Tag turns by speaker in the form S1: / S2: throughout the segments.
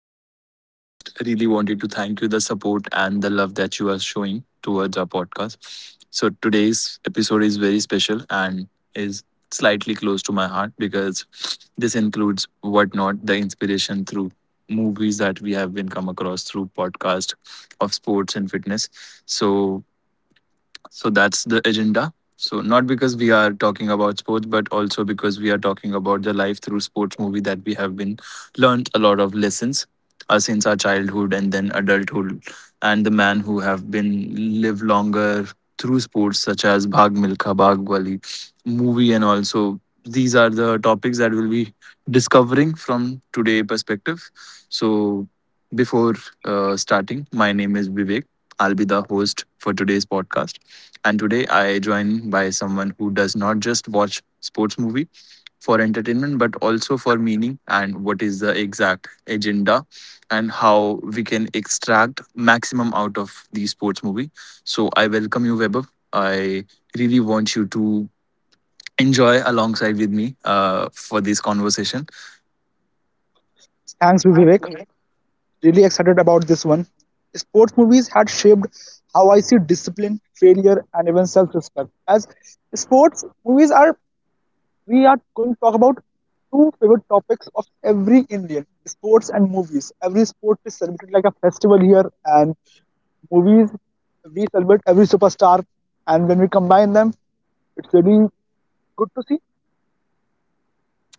S1: Everyone, I just really wanted to thank you the support and the love that you are showing towards our podcast. So, today's episode is very special and is slightly close to my heart because this includes whatnot, the inspiration through movies that we have been come across through podcast of sports and fitness. So, so that's the agenda. So not because we are talking about sports, but also because we are talking about the life through sports movie that we have been learned a lot of lessons since our childhood and then adulthood, and the man who have been live longer through sports such as Bhag Milkha Bhag Wali movie, and also these are the topics that we'll be discovering from today perspective. So before starting, my name is Vivek. I'll be the host for today's podcast. And today I join by someone who does not just watch sports movie for entertainment but also for meaning and what is the exact agenda and how we can extract maximum out of the sports movie. So I welcome you Weber. I really want you to enjoy alongside with me for this conversation.
S2: Thanks, Vivek. Really excited about this one. Sports movies had shaped how I see discipline, failure, and even self-respect. As sports movies are, we are going to talk about two favorite topics of every Indian: sports and movies. Every sport is celebrated like a festival here, and movies we celebrate every superstar. And when we combine them, it's really good to see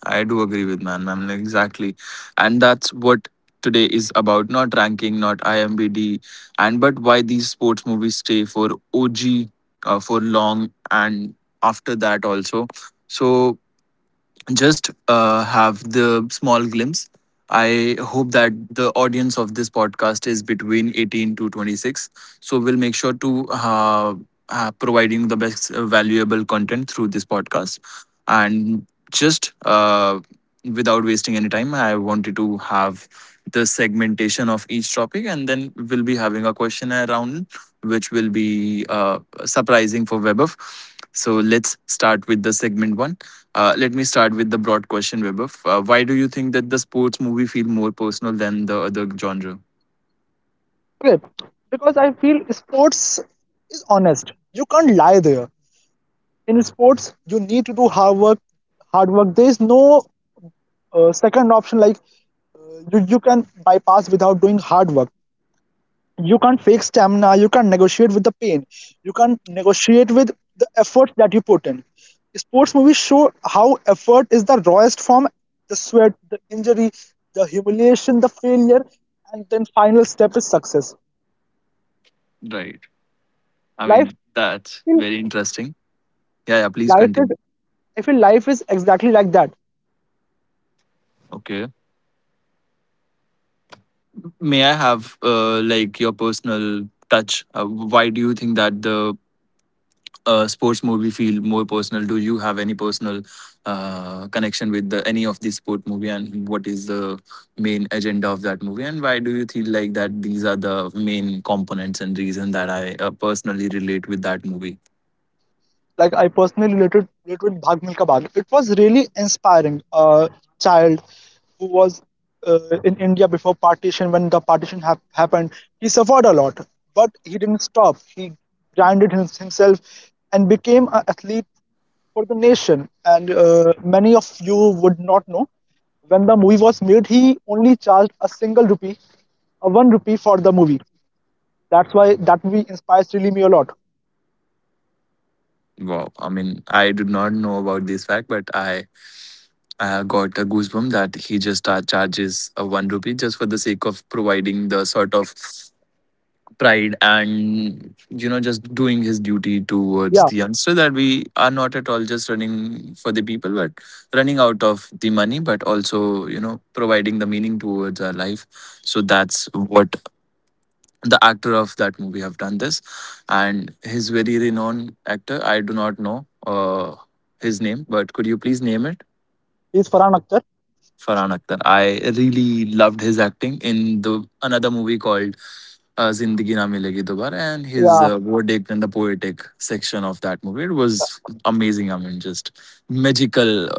S1: I do agree with man, ma'am. Like, exactly, and that's what today is about. Not ranking, not IMBD, and but why these sports movies stay for OG for long and after that also. So just have the small glimpse. I hope that the audience of this podcast is between 18 to 26. So we'll make sure to providing the best valuable content through this podcast. And just without wasting any time, I wanted to have the segmentation of each topic, and then we'll be having a questionnaire round, which will be surprising for WebOf. So let's start with the segment one let me start with the broad question, Vaibhav. Why do you think that the sports movie feel more personal than the other genre?
S2: clip because I feel sports is honest. You can't lie there. In sports you need to do hard work, hard work. There is no second option. You, can bypass without doing hard work. You can't fake stamina. You can't negotiate with the pain. You can't negotiate with the effort that you put in. Sports movies show how effort is the rawest form: the sweat, the injury, the humiliation, the failure, and then final step is success.
S1: Right. I
S2: Life,
S1: mean, that's very interesting. Yeah, yeah, please
S2: I feel life
S1: continue.
S2: is, I feel life is exactly like that.
S1: Okay. May I have like your personal touch? Why do you think that the sports movie feel more personal? Do you have any personal connection with the, any of the sport movie, and what is the main agenda of that movie, and why do you feel like that these are the main components and reason that I personally relate with that movie?
S2: Like, I personally related with Bhag Milka Bhag. It was really inspiring. A child who was in India before partition. When the partition happened, he suffered a lot, but he didn't stop. He grinded himself and became an athlete for the nation. And many of you would not know, when the movie was made, he only charged a single rupee, a one rupee for the movie. That's why that movie inspires really me a lot.
S1: Wow, I mean, I did not know about this fact, but I got a goosebump that he just charges one rupee just for the sake of providing the sort of pride and just doing his duty towards
S2: Yeah,
S1: the youngster that we are not at all just running for the people but running out of the money but also providing the meaning towards our life. So that's what the actor of that movie have done this, and his very renowned actor. I do not know his name, but could you please name it?
S2: he's Farhan Akhtar.
S1: Farhan Akhtar. I really loved his acting in the another movie called Zindagi Na Milegi Dobara and his
S2: Yeah,
S1: verdict and the poetic section of that movie. It was amazing. I mean, just magical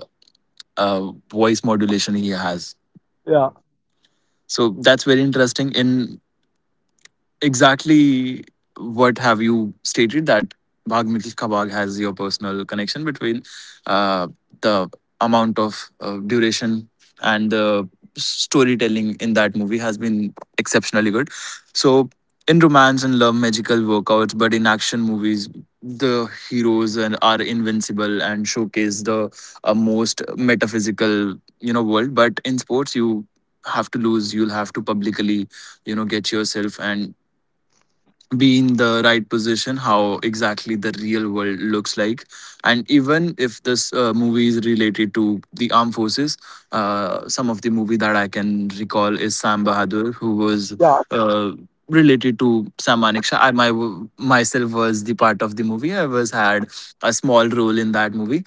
S1: voice modulation he has.
S2: yeah,
S1: So that's very interesting. In exactly what have you stated that Bhag Mitl Ka Bhag has your personal connection between uh, the amount of duration and the storytelling in that movie has been exceptionally good. So in romance and love, magical workouts, but in action movies, the heroes and are invincible and showcase the most metaphysical world. But in sports, you have to lose. You'll have to publicly get yourself and be in the right position how exactly the real world looks like. And even if this movie is related to the armed forces, some of the movie that I can recall is Sam Bahadur, who was
S2: yeah.
S1: uh, related to Sam Manekshaw. I my, myself was the part of the movie. I was had a small role in that movie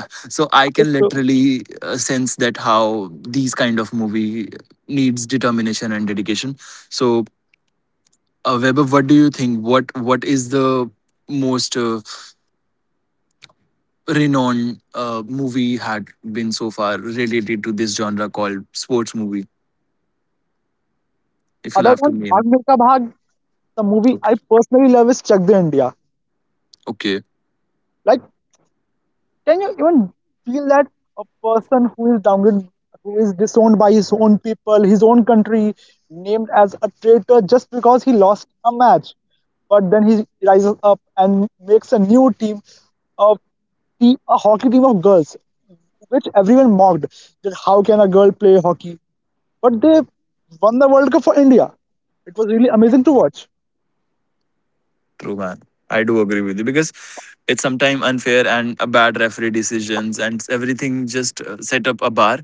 S1: so I can
S2: So,
S1: literally sense that how these kind of movie needs determination and dedication. So Weber, what do you think? What is the most renowned movie had been so far related to this genre called sports movie? If you'll
S2: other
S1: have to
S2: than Bhag
S1: name.
S2: Milka Bhag, the movie I
S1: Okay.
S2: personally love is Chak De India.
S1: Okay.
S2: Like, can you even feel that a person who is downgraded, who is disowned by his own people, his own country, named as a traitor just because he lost a match? But then he rises up and makes a new team of a hockey team of girls, which everyone mocked that how can a girl play hockey? But they won the World Cup for India. It was really amazing to watch.
S1: True, man. I do agree with you because it's sometimes unfair and a bad referee decisions and everything just set up a bar.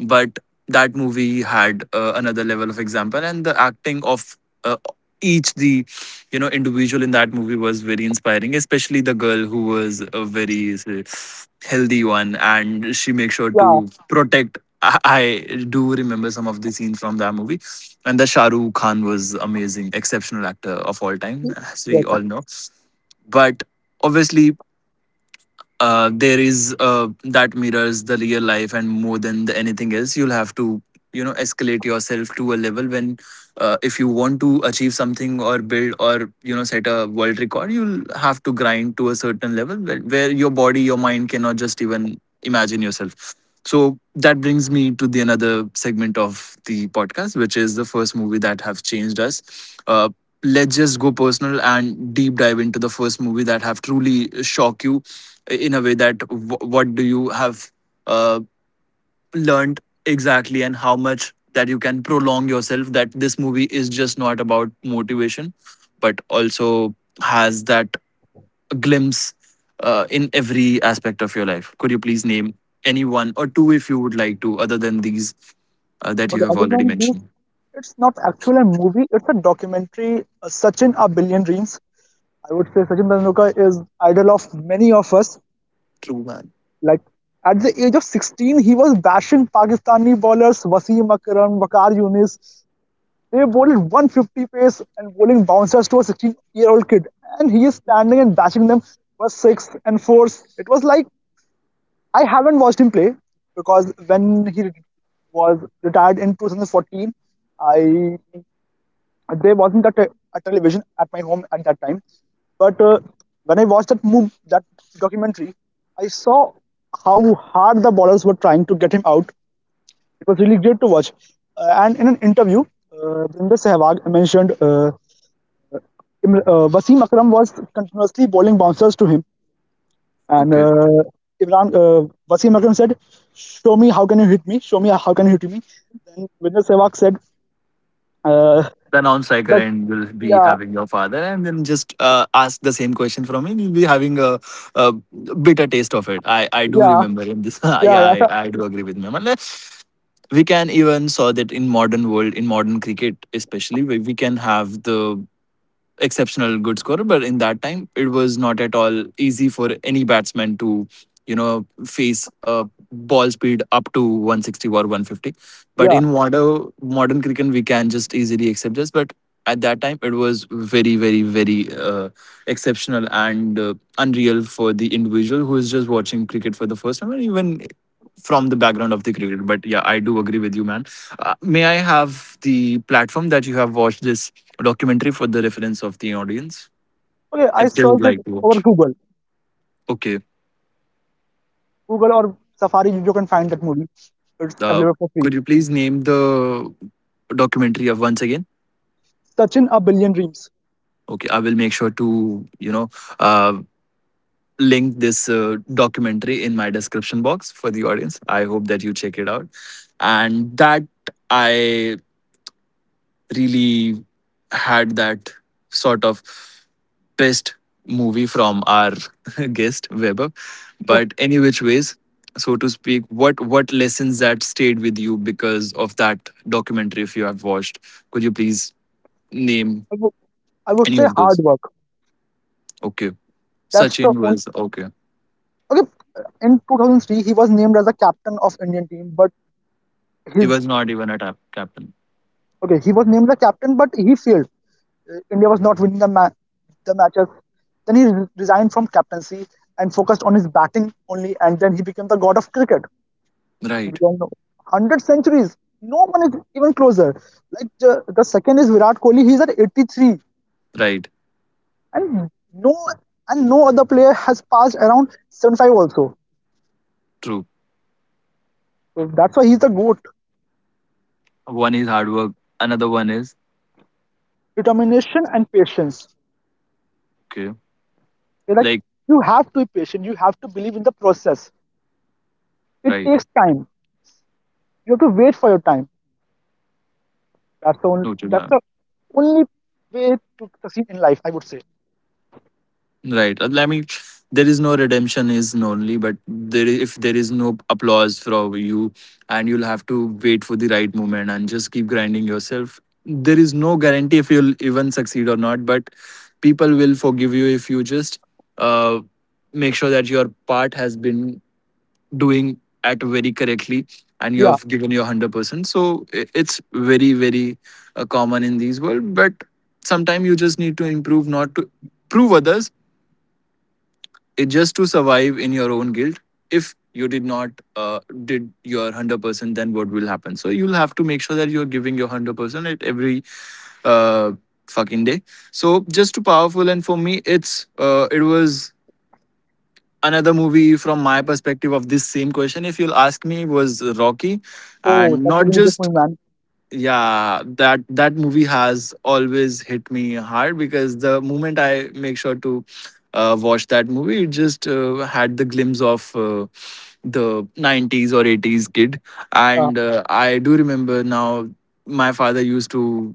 S1: But that movie had another level of example, and the acting of uh, each the individual in that movie was very inspiring, especially the girl who was a very say, healthy one, and she makes sure
S2: Yeah.
S1: to protect. I I do remember some of the scenes from that movie and the Shah Rukh Khan was amazing, exceptional actor of all time, as we
S2: Yes.
S1: all know. But obviously, there is that mirrors the real life and more than the anything else you'll have to escalate yourself to a level when, if you want to achieve something or build or set a world record, you'll have to grind to a certain level where your body your mind cannot just even imagine yourself. So that brings me to the another segment of the podcast, which is the first movie that have changed us. uh, let's just go personal and deep dive into the first movie that have truly shocked you in a way that what do you have uh, learned exactly and how much that you can prolong yourself that this movie is just not about motivation but also has that glimpse in every aspect of your life. Could you please name any one or two if you would like to, other than these that you
S2: Okay,
S1: have
S2: other
S1: already
S2: than this,
S1: mentioned?
S2: it's not actually a movie, it's a documentary. Sachin, A Billion Dreams. I would say Sachin Tendulkar is idol of many of us.
S1: True, man.
S2: Like, at the age of 16, he was bashing Pakistani bowlers Wasim Akram, Wakar Yunis. They bowled 150 pace and bowling bouncers to a 16-year-old kid. And he is standing and bashing them for six and fours. It was like, I haven't watched him play because when he was retired in 2014, I— there wasn't a, a television at my home at that time, but when I watched that move, that documentary, I saw how hard the ballers were trying to get him out. It was really great to watch. And in an interview, Binder Sehwag mentioned, Wasim Akram was continuously bowling bouncers to him, and
S1: Okay,
S2: Imran Wasim Akram said, "Show me how can you hit me? Show me how can you hit me?" Then Binder Sehwag said, uh,
S1: the non-striker
S2: "That
S1: and will be
S2: yeah,
S1: having your father and then just ask the same question from him, you'll be having a bitter taste of it. I do
S2: yeah,
S1: remember in this
S2: yeah,
S1: yeah. I
S2: yeah."
S1: do agree with Mehman. We can even saw that in modern world in modern cricket, especially where we can have the exceptional good scorer, but in that time it was not at all easy for any batsman to, you know, face a ball speed up to 160 or 150. But
S2: yeah."
S1: in modern cricket, we can just easily accept this. But at that time, it was very, very, very exceptional and unreal for the individual who is just watching cricket for the first time, and even from the background of the cricket. But yeah, I do agree with you, man. May I have the platform that you have watched this a documentary for the reference of the audience
S2: Okay, I
S1: if they would
S2: searched
S1: like
S2: it
S1: to
S2: over
S1: watch.
S2: Google.
S1: Okay.
S2: Google or Safari, you can find that movie. It's
S1: Uh,
S2: available for free.
S1: could you please name the documentary of once again?
S2: Touching a Billion Dreams.
S1: Okay, I will make sure to uh, link this documentary in my description box for the audience. I hope that you check it out, and that I really had that sort of best movie from our guest Weber. But any which ways, so to speak, what lessons that stayed with you because of that documentary? If you have watched, could you please name
S2: I wou- I would
S1: any
S2: say
S1: of
S2: hard
S1: those?
S2: work.
S1: Okay,
S2: That's the
S1: Sachin
S2: only.
S1: was okay.
S2: Okay, in 2003, he was named as the captain of Indian team, but
S1: He
S2: his.
S1: was not even a captain.
S2: Okay, he was named the captain, but he failed. India was not winning the, the matches. Then he resigned from captaincy and focused on his batting only, and then he became the god of cricket. And
S1: Right,
S2: we all know 100 centuries, no one is even closer. Like, the second is Virat Kohli, he's at 83,
S1: right,
S2: and no and no other player has passed around 75 also.
S1: true.
S2: So that's why he's the GOAT.
S1: One is hard work. Another one is
S2: Determination and patience.
S1: okay.
S2: They're like,
S1: Like
S2: you have to be patient, you have to believe in the process. It
S1: right,
S2: takes time, you have to wait for your time. That's the only,
S1: noted,
S2: that's
S1: man.
S2: the only way to succeed in life, I would say.
S1: Right. I mean, there is no redemption is lonely, but there if there is no applause from you, and you'll have to wait for the right moment and just keep grinding yourself. There is no guarantee if you'll even succeed or not, but people will forgive you if you just uh, make sure that your part has been doing at very correctly and you
S2: yeah
S1: have given your 100%. It's very, very common in these world, but sometimes you just need to improve, not to prove others it just to survive in your own guilt if you did not uh, did your 100%. Then what will happen so you'll have to make sure that you're giving your 100% at every uh, fucking day. So just too powerful, and for me it was another movie from my perspective. Of this same question, if you'll ask me, was Rocky.
S2: oh
S1: And
S2: that's a
S1: not
S2: really good
S1: just,
S2: point, man.
S1: yeah, that movie has always hit me hard because the moment I make sure to watch that movie, it just had the glimpse of the 90s or 80s kid.
S2: uh,
S1: And I do remember now my father used to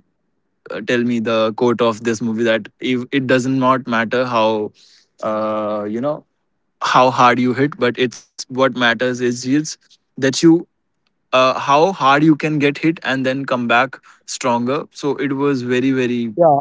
S1: tell me the quote of this movie that if it does not matter how, uh, you know how hard you hit, but it's what matters is it's that you, how hard you can get hit and then come back stronger. So it was very, very
S2: yeah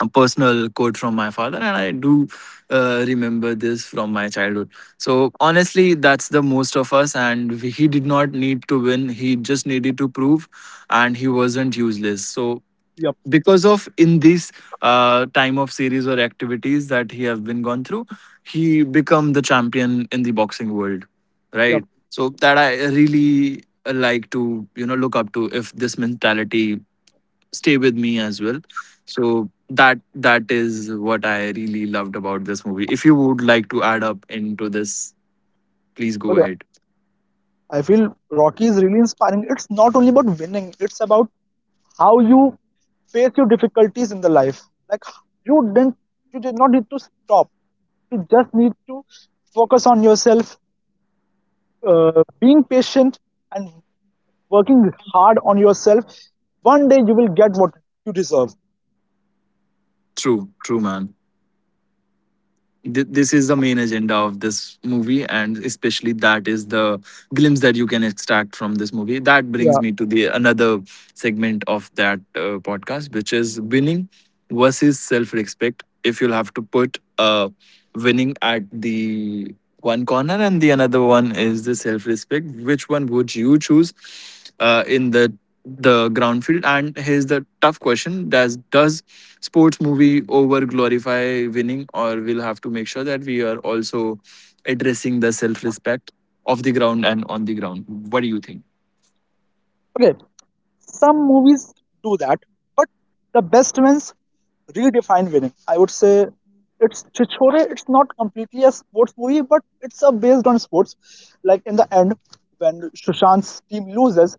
S1: a personal quote from my father, and I do remember this from my childhood. So honestly, that's the most of us, and he did not need to win. He just needed to prove, and he wasn't useless. So
S2: yep
S1: because of in this time of series or activities that he have been gone through, he become the champion in the boxing world, right? So that I really like to, you know, look up to if this mentality stay with me as well. So that is what I really loved about this movie. If you would like to add up into this, please go
S2: yep
S1: ahead.
S2: I feel Rocky is really inspiring. It's not only about winning, it's about how you face your difficulties in the life. Like, you didn't you did not need to stop. You just need to focus on yourself, being patient and working hard on yourself. One day you will get what you deserve.
S1: True, true, man. This is the main agenda of this movie, and especially that is the glimpse that you can extract from this movie. That brings
S2: Yeah.
S1: me to the another segment of that podcast, which is winning versus self-respect. If you'll have to put winning at the one corner and the another one is the self-respect, which one would you choose in the ground field. And here's the tough question: Does sports movie over glorify winning, or we'll have to make sure that we are also addressing the self respect of the ground and on the ground? What do you think?
S2: Okay. Some movies do that, but the best ones redefine winning. I would say it's Chichore. It's not completely a sports movie, but it's a based on sports. Like, in the end, when Sushant's team loses,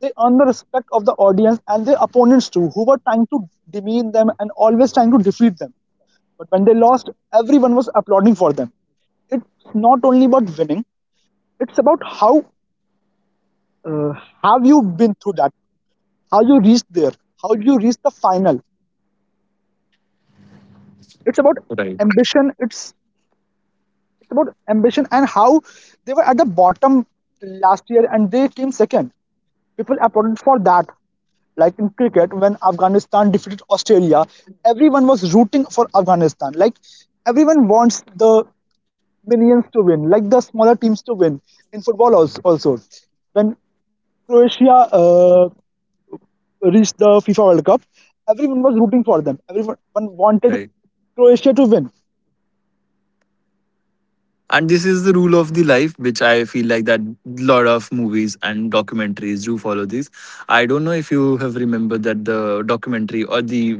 S2: they earn the respect of the audience and their opponents too, who were trying to demean them and always trying to defeat them. But when they lost, everyone was applauding for them. It's not only about winning; it's about how uh, have you been through that, how you reach there, how you reach the final. It's about
S1: Right.
S2: ambition. It's about ambition and how they were at the bottom last year and they came second. People applauded for that. Like in cricket, when Afghanistan defeated Australia, everyone was rooting for Afghanistan. Like, everyone wants the minions to win, like the smaller teams to win. In football also, when Croatia reached the FIFA World Cup, everyone was rooting for them. Everyone wanted
S1: Right.
S2: Croatia to win.
S1: And this is the rule of the life, which I feel like that lot of movies and documentaries do follow this. I don't know if you have remembered that the documentary or the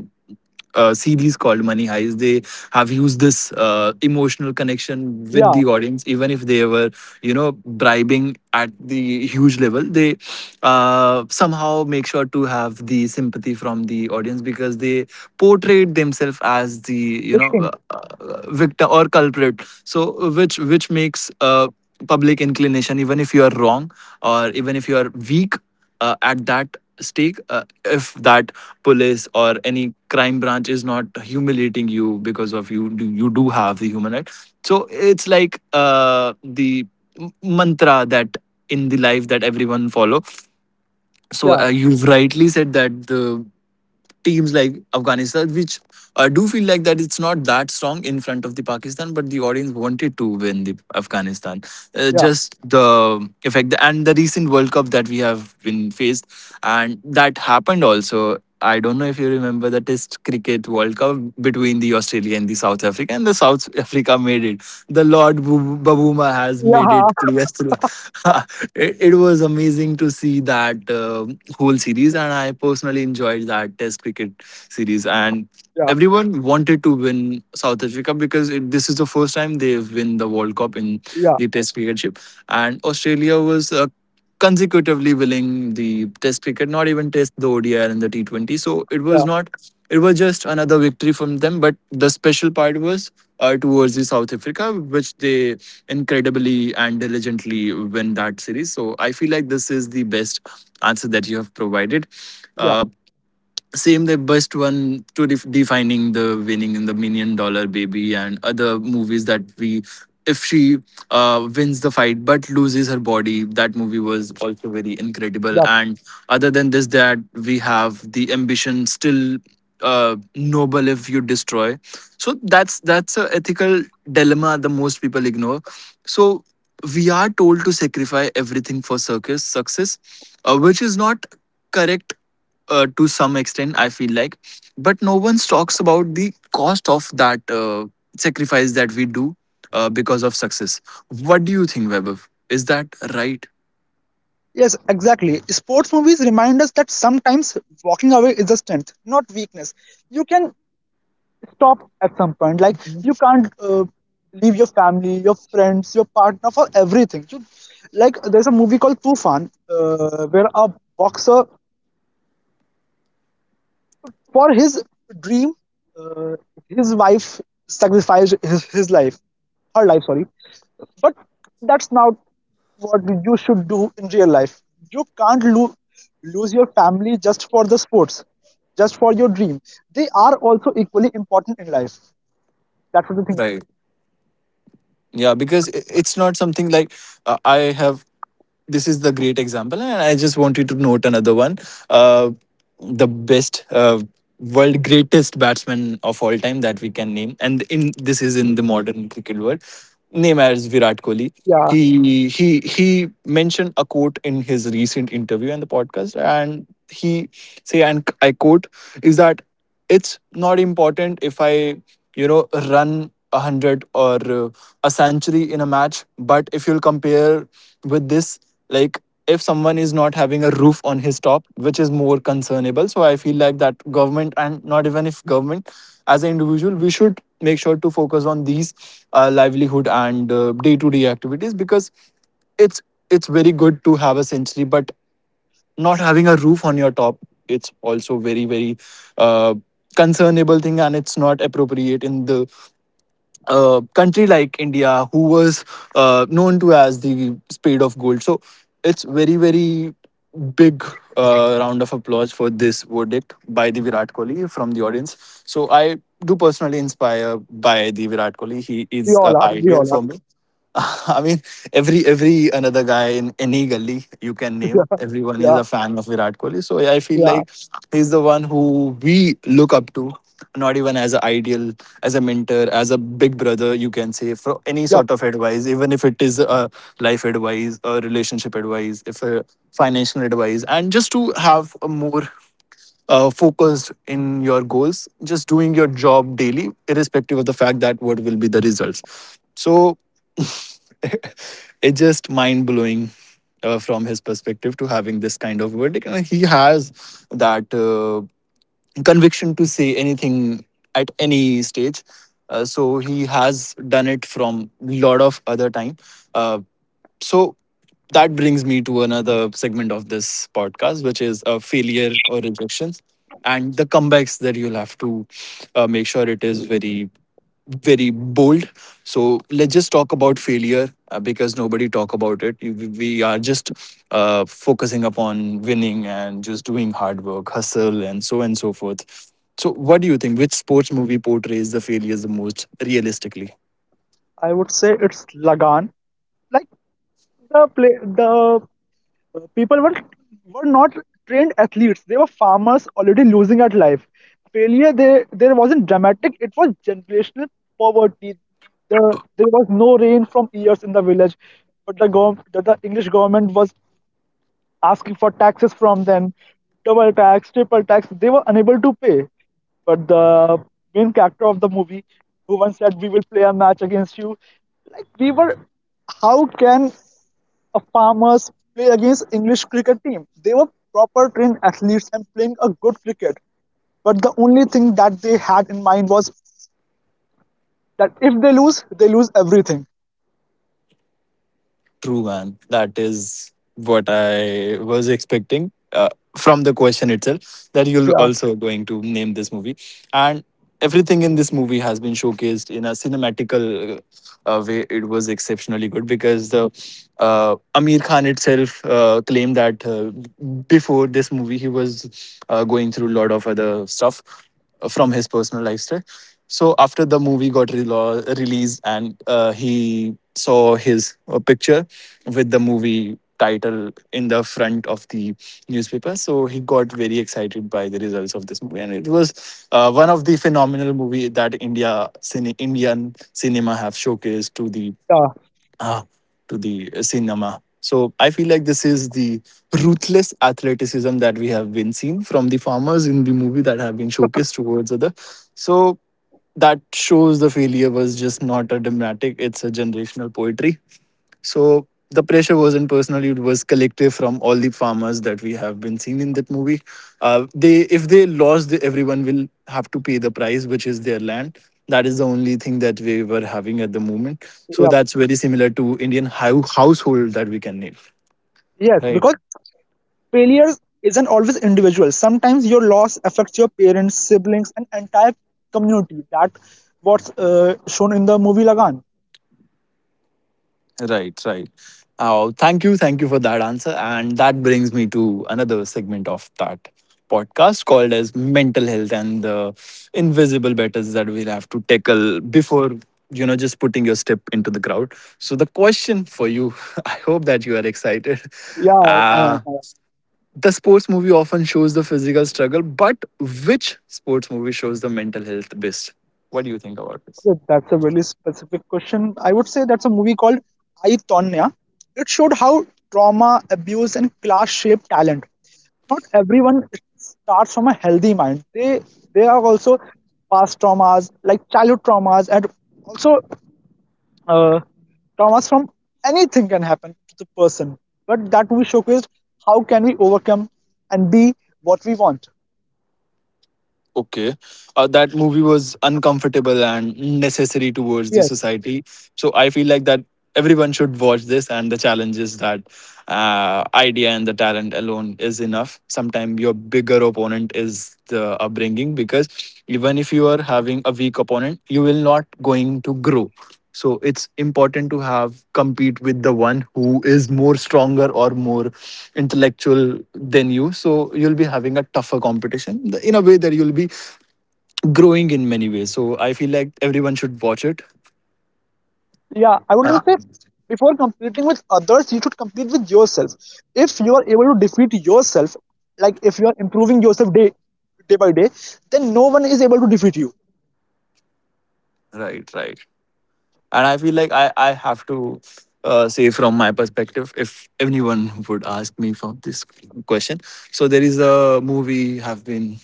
S1: series called Money Heist, they have used this emotional connection with
S2: Yeah,
S1: the audience, even if they were, you know, bribing at the huge level. They somehow make sure to have the sympathy from the audience because they portrayed themselves as the you
S2: they
S1: know
S2: think.
S1: victim or culprit, so which makes public inclination even if you are wrong or even if you are weak at that stake. If that police or any crime branch is not humiliating you because of you do have the human right. So it's like the mantra that in the life that everyone follow. So
S2: Yeah,
S1: you've rightly said that the teams like Afghanistan, which I do feel like that it's not that strong in front of the Pakistan, but the audience wanted to win the Afghanistan.
S2: yeah,
S1: Just the effect and the recent World Cup that we have been faced, and that happened also. I don't know if you remember the Test Cricket World Cup between the Australia and the South Africa, and the South Africa made it. The Lord Babuma has made
S2: yeah,
S1: it clear through it was amazing to see that whole series, and I personally enjoyed that test cricket series. And
S2: yeah,
S1: everyone wanted to win South Africa because this is the first time they've won the world cup in
S2: yeah,
S1: the test cricket ship. And Australia was consecutively winning the test cricket, not even test, the odi and the T20. So it
S2: yeah,
S1: was not, it was just another victory from them, but the special part was towards the South Africa, which they incredibly and diligently win that series. So I feel like this is the best answer that you have provided.
S2: yeah,
S1: Uh, same, the best one to defining the winning in the Million Dollar Baby and other movies that we. If she wins the fight but loses her body, that movie was also very incredible.
S2: yeah.
S1: And other than this, that we have the ambition still noble if you destroy. So that's a ethical dilemma the most people ignore. So we are told to sacrifice everything for circus success, which is not correct to some extent I feel like, but no one talks about the cost of that sacrifice that we do because of success. What do you think, Webber? Is that right?
S2: Yes, exactly. Sports movies remind us that sometimes walking away is a strength, not weakness. You can stop at some point. Like, you can't leave your family, your friends, your partner for everything. Like, there's a movie called Tufan, where a boxer, for his dream, uh, his wife sacrificed his life, her life, sorry. But that's not what you should do in real life. You can't lose your family just for the sports, just for your dream. They are also equally important in life. That's what I think.
S1: Right. Yeah, because it's not something like, I have, this is the great example, and I just wanted to note another one. uh, the best world greatest batsman of all time that we can name, and in this is in the modern cricket world, name as Virat Kohli.
S2: Yeah,
S1: He, he mentioned a quote in his recent interview and the podcast, and he say, and I quote, is that it's not important if I, you know, run a hundred or a century in a match. But if you'll compare with this, like, if someone is not having a roof on his top, which is more concernable. So I feel like that government, and not even if government, as an individual, we should make sure to focus on these livelihood and day to day activities, because it's it's very good to have a century, but not having a roof on your top, it's also very very uh, concernable thing. And it's not appropriate in the country like India, who was known to as the spade of gold. So it's very very big round of applause for this verdict by the Virat Kohli from the audience. So I do personally inspire by the Virat Kohli. He
S2: we
S1: is
S2: all are. We
S1: ideal
S2: all are.
S1: for me. I mean, every another guy in any gully you can
S2: yeah,
S1: name, everyone is
S2: yeah,
S1: a fan of Virat Kohli. So yeah, I feel
S2: yeah.
S1: like he's the one who we look up to, not even as an ideal, as a mentor, as a big brother. You can say for any
S2: Yep.
S1: sort of advice, even if it is a life advice, a relationship advice, if a financial advice, and just to have a more focused in your goals, just doing your job daily, irrespective of the fact that what will be the results. So it's just mind blowing from his perspective to having this kind of verdict. And he has that conviction to say anything at any stage. So he has done it from lot of other time. Uh, so that brings me to another segment of this podcast, which is failure or rejections and the comebacks that you'll have to make sure it is very very bold. So let's just talk about failure because nobody talk about it. We are just focusing upon winning and just doing hard work, hustle, and so on and so forth. So, what do you think? Which sports movie portrays the failures the most realistically?
S2: I would say it's Lagan. Like the— people were not trained athletes, they were farmers already losing at life. Failure there, there wasn't dramatic, it was generational poverty. the, there was no rain from years in the village, but the the English government was asking for taxes from them. Double tax, triple tax, they were unable to pay. But the main character of the movie, who once said we will play a match against you. Like, we were, how can of farmers play against English cricket team? They were proper trained athletes and playing a good cricket. But the only thing that they had in mind was that if they lose, they lose everything.
S1: True, man. That is what I was expecting from the question itself, that you're
S2: Yeah,
S1: also going to name this movie. And everything in this movie has been showcased in a cinematical way. It was exceptionally good because the Amir Khan itself claimed that before this movie, he was going through a lot of other stuff from his personal lifestyle. So after the movie got relo released, and he saw his picture with the movie title in the front of the newspaper, so he got very excited by the results of this movie. And it was one of the phenomenal movie that indian cinema have showcased
S2: yeah,
S1: uh, to the cinema. So I feel like this is the ruthless athleticism that we have been seen from the farmers in the movie that have been showcased towards other. So that shows the failure was just not a dramatic, it's a generational poetry. So the pressure wasn't personal; it was collective from all the farmers that we have been seen in that movie. They, if they lost, everyone will have to pay the price, which is their land. That is the only thing that we were having at the moment. So
S2: yeah.
S1: that's very similar to Indian household that we can name,
S2: Yes,
S1: right?
S2: because failures isn't always individual. Sometimes your loss affects your parents, siblings, and entire community. That what's shown in the movie Lagan.
S1: Right, right. Oh, thank you for that answer. And that brings me to another segment of that podcast called as mental health and the invisible battles that we'll have to tackle before, you know, just putting your step into the crowd. So the question for you, I hope that you are excited.
S2: Yeah, yeah,
S1: Uh,
S2: yeah.
S1: the sports movie often shows the physical struggle, but which sports movie shows the mental health best? What do you think about this?
S2: Yeah, That's a very specific question. I would say that's a movie called I, Tonya. It showed how trauma, abuse, and class shape talent. Not everyone starts from a healthy mind. They are also past traumas, like childhood traumas, and also uh, traumas from anything can happen to the person. But that movie showcased how can we overcome and be what we want.
S1: Okay. That movie was uncomfortable and necessary towards the
S2: Yes.
S1: society. So I feel like that everyone should watch this, and the challenge is that idea and the talent alone is enough. Sometimes your bigger opponent is the upbringing, because even if you are having a weak opponent, you will not going to grow. So it's important to have compete with the one who is more stronger or more intellectual than you. So you'll be having a tougher competition in a way that you'll be growing in many ways. So I feel like everyone should watch it.
S2: Yeah, I would just say before competing with others, you should compete with yourself. If you are able to defeat yourself, like if you are improving yourself day by day, then no one is able to defeat you.
S1: Right, right. And I feel like I have to say from my perspective, if anyone would ask me for this question. So there is a movie have been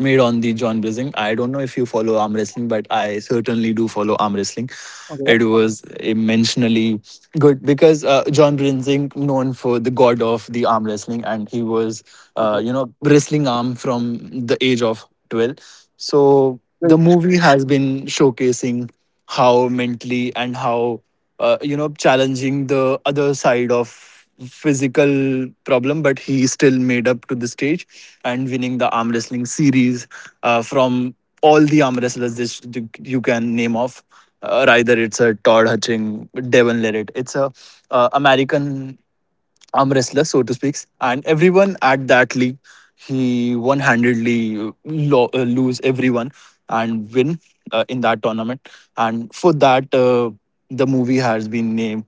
S1: made on the John Blazing. I don't know if you follow arm wrestling, but I certainly do follow arm wrestling.
S2: Okay,
S1: It was immensely good because John Brinzing known for the god of the arm wrestling and he was
S2: okay.
S1: wrestling arm from the age of 12. So the
S2: Great.
S1: movie has been showcasing how mentally and how challenging the other side of physical problem, but he still made up to the stage and winning the arm wrestling series from all the arm wrestlers this you can name off. Either it's a Todd Hutching, Devon Lerret. It's a American arm wrestler, so to speak. And everyone at that league, he one handedly lose everyone and win in that tournament. And for that, the movie has been named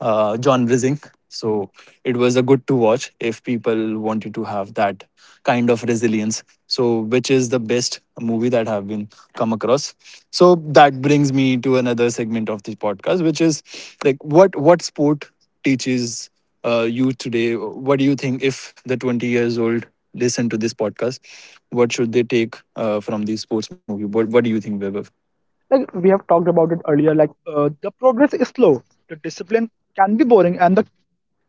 S1: John Rising. So it was a good to watch if people wanted to have that kind of resilience. So which is the best movie that have been come across, so that brings me to another segment of this podcast, which is like what sport teaches you today? What do you think if the 20 years old listen to this podcast, what should they take from the sports movie? What do you think, Vaibhav?
S2: Like we have talked about it earlier, like the progress is slow, the discipline can be boring, and the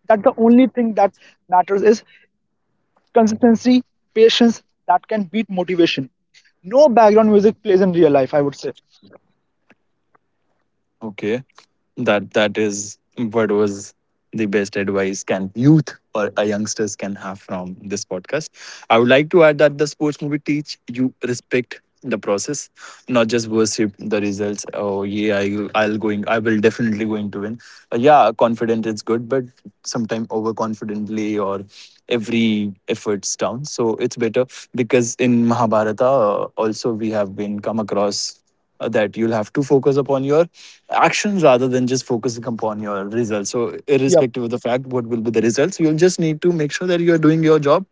S2: that the only thing that matters is consistency, patience that can beat motivation. No background music plays in real life, I would say.
S1: Okay. That is what was the best advice can youth or a youngsters can have from this podcast. I would like to add that the sports movie teach you respect the process, not just worship the results. Oh yeah, I'll going, I will definitely going to win. Yeah, confident is good, but sometimes overconfidently or every effort's down. So it's better because in Mahabharata also we have been come across that you'll have to focus upon your action rather than just focusing upon your results. So,
S2: Yep.
S1: irrespective of the fact what will be the results, so you'll just need to make sure that you're doing your job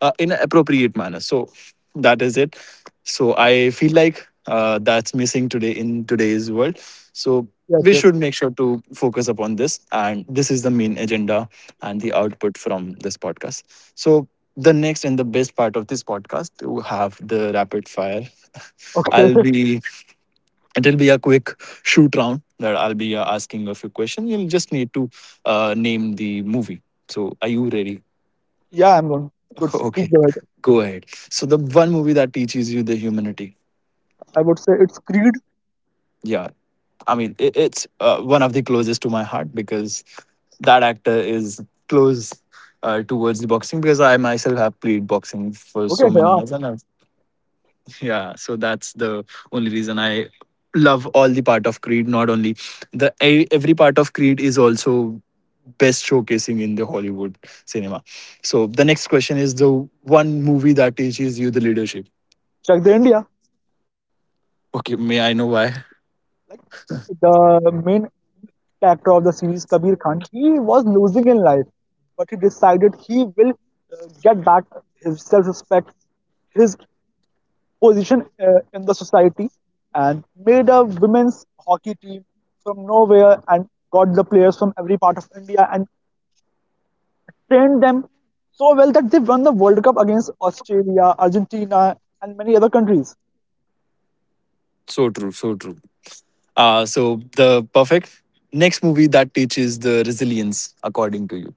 S1: in an appropriate manner. So, that is it. So, I feel like that's missing today in today's world. So,
S2: Yes.
S1: we
S2: Yes.
S1: should make sure to focus upon this. And this is the main agenda and the output from this podcast. So, the next and the best part of this podcast, we have the rapid fire. I'll
S2: Okay.
S1: be It'll be a quick shoot round that I'll be asking a few questions. You'll just need to name the movie. So, are you ready?
S2: Yeah, I'm going. Good. Please
S1: Okay,
S2: go ahead.
S1: go ahead. So, the one movie that teaches you the humanity.
S2: I would say it's Creed.
S1: Yeah, I mean, it's one of the closest to my heart because that actor is close towards the boxing because I myself have played boxing for
S2: Okay,
S1: so many
S2: yeah.
S1: years and I've yeah, so that's the only reason I love all the part of Creed. Not only every part of Creed is also best showcasing in the Hollywood cinema. So the next question is the one movie that teaches you the leadership.
S2: Check the India.
S1: Okay, may I know why?
S2: Like, the main character of the series, Kabir Khan, he was losing in life, but he decided he will get back his self-respect, his position in the society, and made a women's hockey team from nowhere and got the players from every part of India and trained them so well that they won the World Cup against Australia, Argentina, and many other countries.
S1: So true, so true. So the perfect next movie that teaches the resilience according to you.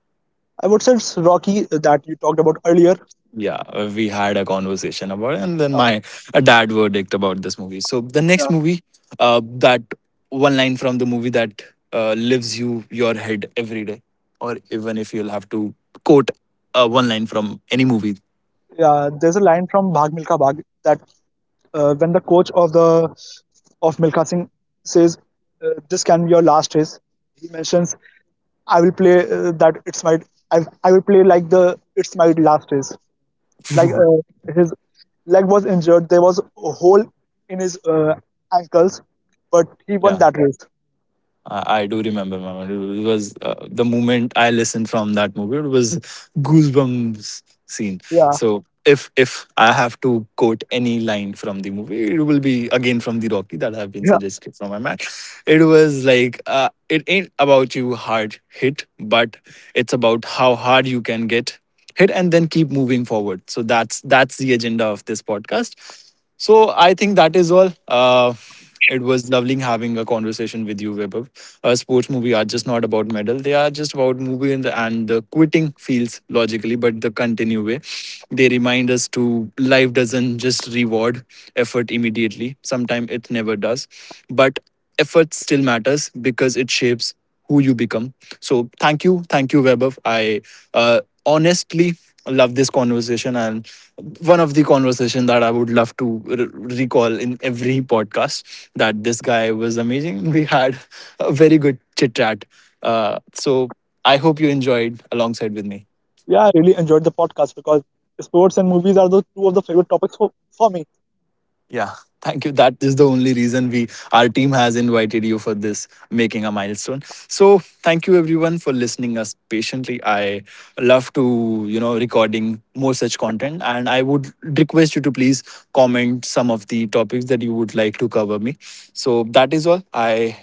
S2: I would say it's Rocky that you talked about earlier.
S1: Yeah, we had a conversation about it, and then
S2: Uh,
S1: my dad verdict about this movie. So the
S2: yeah,
S1: next movie, that one line from the movie that lives you your head every day, or even if you'll have to quote one line from any movie.
S2: yeah, there's a line from Bhag Milka Bhag that, when the coach of the, of Milka Singh says, "This can be your last race," he mentions, "I will play that it's my I, will play like the it's my last race." Like, his leg was injured, there was a hole in his ankles, but he won
S1: Yeah,
S2: that race.
S1: I do remember, man. It was the moment I listened from that movie. It was goosebumps scene.
S2: Yeah,
S1: So if I have to quote any line from the movie, it will be again from the Rocky that have been
S2: yeah,
S1: suggested from my man. It was like it ain't about you hard hit, but it's about how hard you can get hit and then keep moving forward. So that's the agenda of this podcast. So I think that is all. It was lovely having a conversation with you, Vaibhav. Sports movie are just not about medal; they are just about movie and the quitting feels logically, but the continue way. They remind us to life doesn't just reward effort immediately. Sometimes it never does, but effort still matters because it shapes who you become. So thank you, Webber. I honestly love this conversation and one of the conversation that I would love to recall in every podcast that this guy was amazing. We had a very good chit chat. So I hope you enjoyed alongside with me.
S2: yeah. I really enjoyed the podcast because sports and movies are the two of the favorite topics for me.
S1: Yeah, thank you. That is the only reason we our team has invited you for this making a milestone. So thank you everyone for listening us patiently. I love to you know recording more such content, and I would request you to please comment some of the topics that you would like to cover me. So that is all. I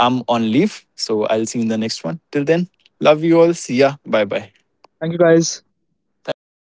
S1: am on leave, so I'll see you in the next one. Till then, love you all. See ya. Bye bye.
S2: Thank you, guys.
S1: Thank you.